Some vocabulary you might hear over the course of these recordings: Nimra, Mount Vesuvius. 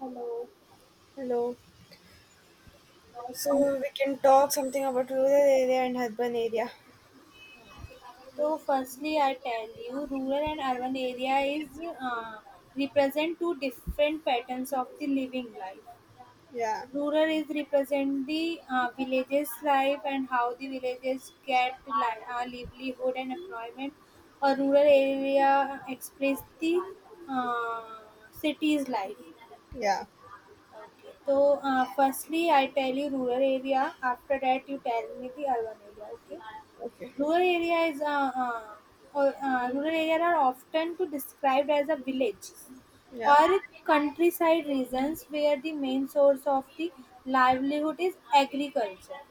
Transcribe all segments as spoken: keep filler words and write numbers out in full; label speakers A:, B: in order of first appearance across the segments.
A: Hello.
B: Hello. So we can talk something about rural area and urban area.
A: So firstly, I tell you, rural and urban area is uh, represent two different patterns of the living life.
B: Yeah.
A: Rural is represent the uh, villages life and how the villages get li- uh, livelihood and employment. A rural area express the uh, city's life.
B: Yeah.
A: So, uh, firstly, I tell you rural area. After that, you tell me the urban area. Okay.
B: Okay.
A: Rural area is uh, uh, or, uh, rural area are often to described as a village
B: Yeah.
A: or countryside regions where the main source of the livelihood is agriculture.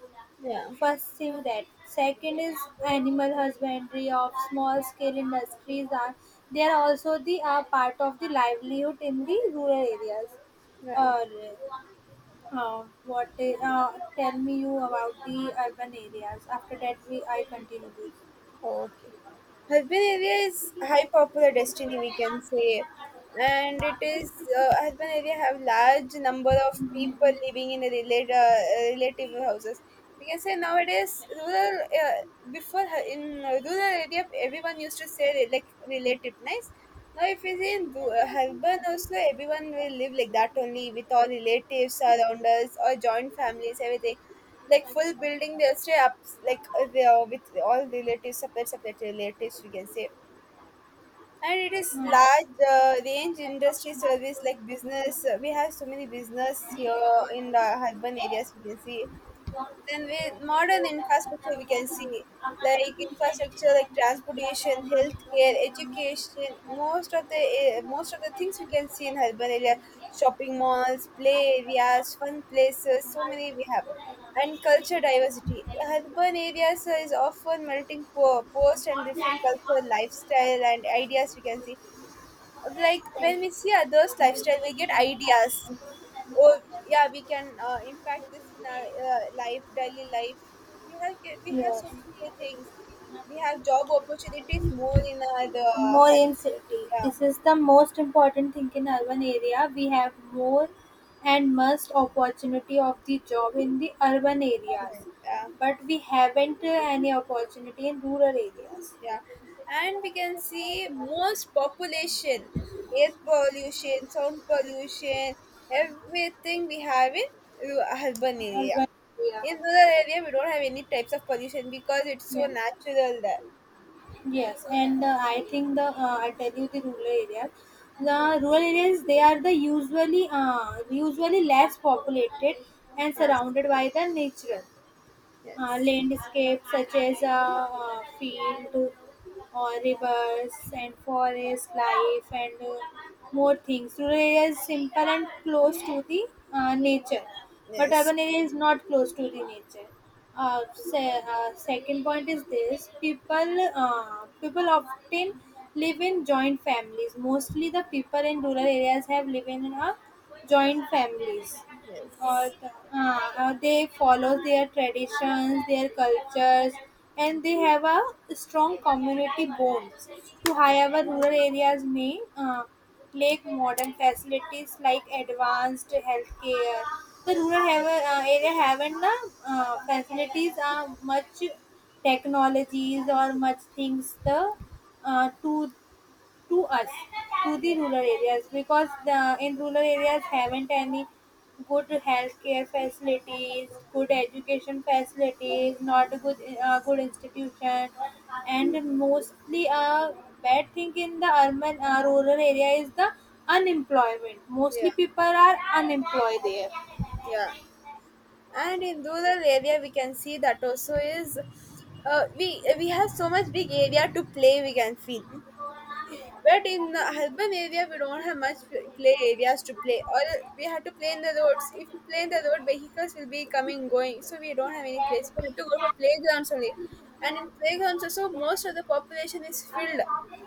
B: Yeah.
A: First thing that. Second is animal husbandry of small scale industries are they are also the uh, part of the livelihood in the rural areas.
B: Yeah. Yeah.
A: Or. Uh, what i- uh, tell me you about the urban areas. After that, we I continue this.
B: Okay. Urban area is high popular destiny, we can say. And it is, uh, urban area have large number of people living in a relate, uh, relative houses. We can say nowadays, rural, uh, before hu- in uh, rural area, everyone used to say like relative, nice. Now, if we see in ru- uh, urban also, everyone will live like that only with all relatives around us or joint families, everything like full building they'll stay up like uh, they are with all relatives, separate separate relatives we can say. And it is large uh, range industry service like business, uh, we have so many business here in the urban areas we can see. Then with modern infrastructure, we can see like infrastructure like transportation, healthcare, education. Most of the uh, most of the things we can see in urban area, shopping malls, play areas, fun places. So many we have, and culture diversity. Urban areas is often melting po- post and different cultural lifestyle and ideas. We can see like when we see others' lifestyle, we get ideas. Oh, yeah, we can uh, impact this in our uh, life daily life. We have ca- we have
A: Yes,
B: so many things. We have job opportunities more in our uh,
A: more
B: health-.
A: in city.
B: Yeah.
A: This is the most important thing in urban area. We have more and most opportunity of the job in the urban areas,
B: Alright, yeah.
A: but we haven't uh, any opportunity in rural areas.
B: Yeah, and we can see most population, air pollution, sound pollution, everything we have in uh, urban area.
A: Urban area.
B: In rural area we don't have any types of pollution because it's so
A: Yeah.
B: natural there.
A: Yes, and uh, I think the uh, I tell you the rural areas. The rural areas they are the usually uh, usually less populated and
B: Yes.
A: surrounded by the nature uh,
B: Yes.
A: landscapes such as a uh, field or rivers and forest life and uh, more things. Rural area is simple and close to the uh, nature, but
B: Yes.
A: urban area is not close to the nature. Uh, se- uh, second point is this: people uh, people often live in joint families. Mostly, the people in rural areas have live in a joint families or
B: Yes.
A: uh, uh, they follow their traditions, their cultures, and they have a strong community bonds. To
B: Yeah.
A: however, rural areas may uh, lack modern facilities like advanced healthcare. The rural have, uh, area haven't the uh, facilities are much technologies or much things the uh, to to us, to
B: Yeah.
A: the rural areas, because the in rural areas haven't any good healthcare facilities, good education facilities, not a good uh, good institution, and mostly a bad thing in the urban uh, rural area is the unemployment. Mostly
B: Yeah.
A: people are unemployed there.
B: Yeah. And in rural area, we can see that also is, uh, we we have so much big area to play. We can feel. But in the urban area, we don't have much play areas to play, or uh, we have to play in the roads. If we play in the road, vehicles will be coming going, so we don't have any place. We have to go for playgrounds only, and in playgrounds also most of the population is filled.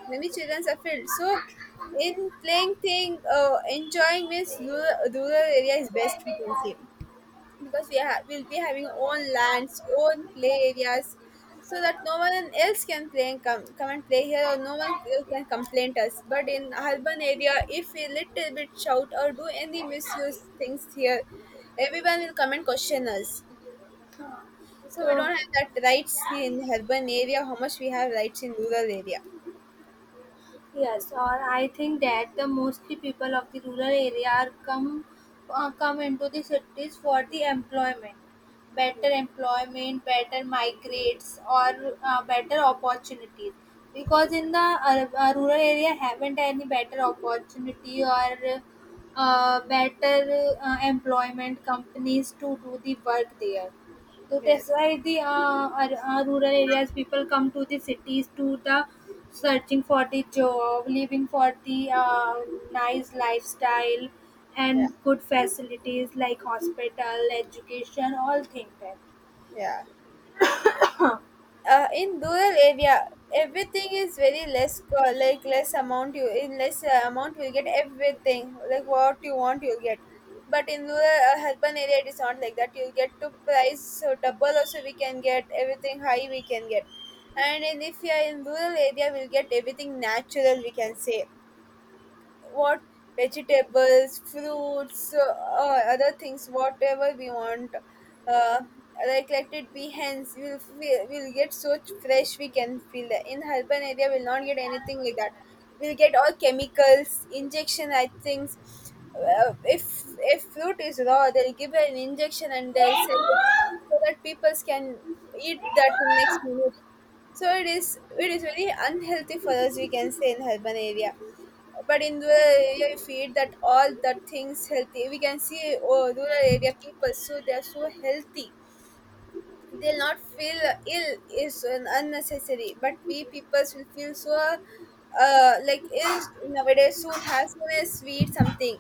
B: Many children are filled. So in playing thing, uh, enjoying means rural, rural area is best we can say, because we ha- will be having our own lands, own play areas, so that no one else can play and come come and play here, or no one c- can complain to us. But in urban area, if we little bit shout or do any misuse things here, everyone will come and question us. So we don't
A: So
B: have that rights in urban area. How much we have rights in rural area?
A: yes, or I think that the mostly people of the rural area are come uh, come into the cities for the employment, better employment, better migrates, or uh, better opportunities. Because in the uh, uh, rural area, haven't any better opportunity or uh, better uh, employment companies to do the work there. So
B: Yes.
A: that's why the uh, ar- uh, rural areas people come to the cities to the searching for the job, living for the uh, nice lifestyle
B: Yeah.
A: and good facilities like hospital, education, all things that.
B: Yeah. uh, in rural area, everything is very less co- like less amount you in less uh, amount you'll get everything, like what you want you'll get. But in rural uh, urban area it is not like that, you'll get to price so double also, we can get everything high we can get. And in, if you are in rural area, we'll get everything natural we can say. What? Vegetables, fruits, uh, uh, other things, whatever we want. Uh, like let it be hence we'll feel, we'll get so fresh, we can feel that in urban area we'll not get anything like that. We'll get all chemicals injection, I think. Uh, if if fruit is raw they'll give an injection and they'll sell it so that people can eat that in next minute. So it is, it is very unhealthy for us, we can say, in urban area. But in rural area, you feed that all the things healthy. We can see, oh, rural area people, so they are so healthy. They'll not feel ill is an unnecessary. But we people will feel so uh, like ill nowadays. Soon has soon as we eat something.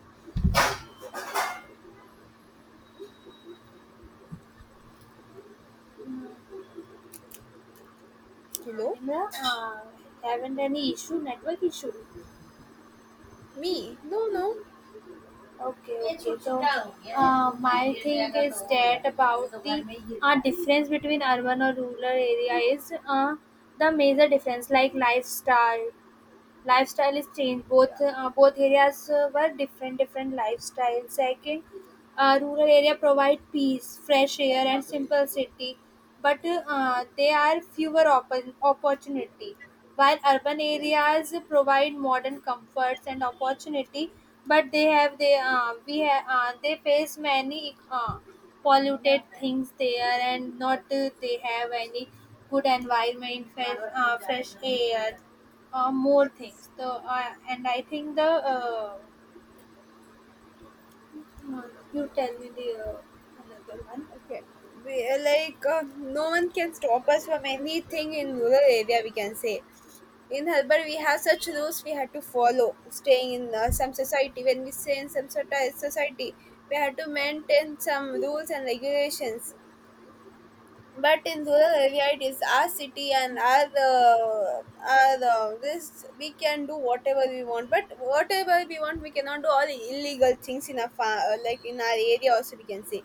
A: Uh,
B: Hello,
A: Nimra, uh, haven't any issue, network issue.
B: me? No, no.
A: Okay, okay. So uh, my thing is that about the uh, difference between urban or rural area is uh, the major difference like lifestyle lifestyle is changed. Both
B: Yeah.
A: uh, both areas uh, were different, different lifestyle. Second, uh, rural area provide peace, fresh air, and simple city, but uh, there are fewer oppor- opportunity. While urban
B: Yes.
A: areas provide modern comforts and opportunity, but they have they uh, we have uh, they face many uh, polluted things there, and not uh, they have any good environment, fresh, uh, fresh air uh, more things.
B: Yes.
A: The uh, and I think the uh, uh, you tell me the uh, another one.
B: Okay, we uh, like uh, no one can stop us from anything in rural area. We can say in urban we have such rules we had to follow. Staying in uh, some society, when we stay in some sort of society, we have to maintain some rules and regulations. But in rural area, it is our city and our uh, our uh, this we can do whatever we want. But whatever we want, we cannot do all illegal things in our fa- uh, like in our area. Also, we can say.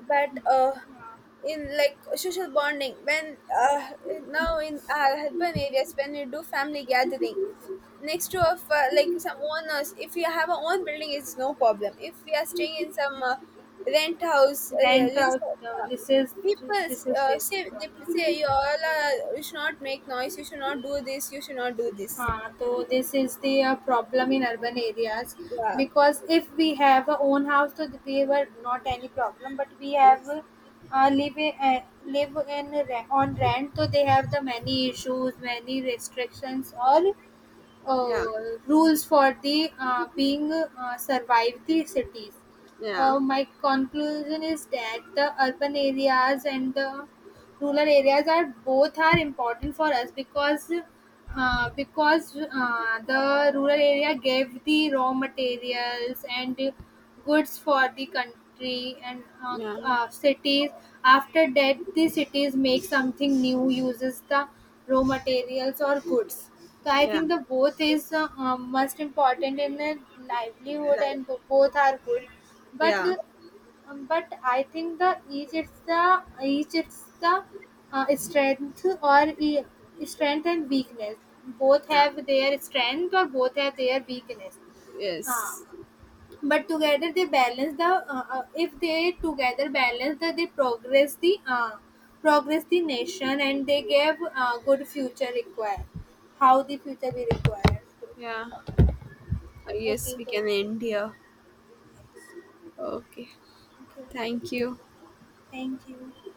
B: But uh,
A: Uh,
B: in like social bonding, when uh, now in our urban areas when you do family gathering next to of uh, like some owners, if you have a own building it's no problem. If we are staying in some uh, rent house, uh, yeah,
A: rent.
B: lease,
A: Uh, the-
B: uh,
A: this is
B: people
A: this is
B: uh,
A: face the
B: say, they say
A: problem.
B: you all are, you should not make noise, you should not do this, you should not do this.
A: Uh, so this is the uh, problem in urban areas
B: Yeah.
A: because if we have our own house, so we were not any problem. But we have
B: Yes.
A: uh, live in, uh, live in re- on rent, so they have the many issues, many restrictions, all
B: Yeah,
A: uh, rules for the uh, being uh, survive the cities.
B: yeah,
A: Uh, my conclusion is that the urban areas and the rural areas are both are important for us because uh, because uh, the rural area gave the raw materials and goods for the country and uh,
B: yeah,
A: uh, cities after that the cities make something new uses the raw materials or goods, so I
B: yeah,
A: think the both is uh, um, most important in the livelihood
B: like,
A: and bo- both are good, but
B: yeah,
A: um, But I think the each Egypt's the each it's the uh, strength or e- strength and weakness. Both have their strength or both have their weakness. Uh,
B: yes,
A: but together they balance the. Uh, uh, if they together balance the, they progress the uh, progress the nation and they give uh, good future required. How the future be required.
B: yeah. Uh,
A: Okay,
B: yes, we
A: so
B: can end here. Okay.
A: okay,
B: Thank you.
A: thank you.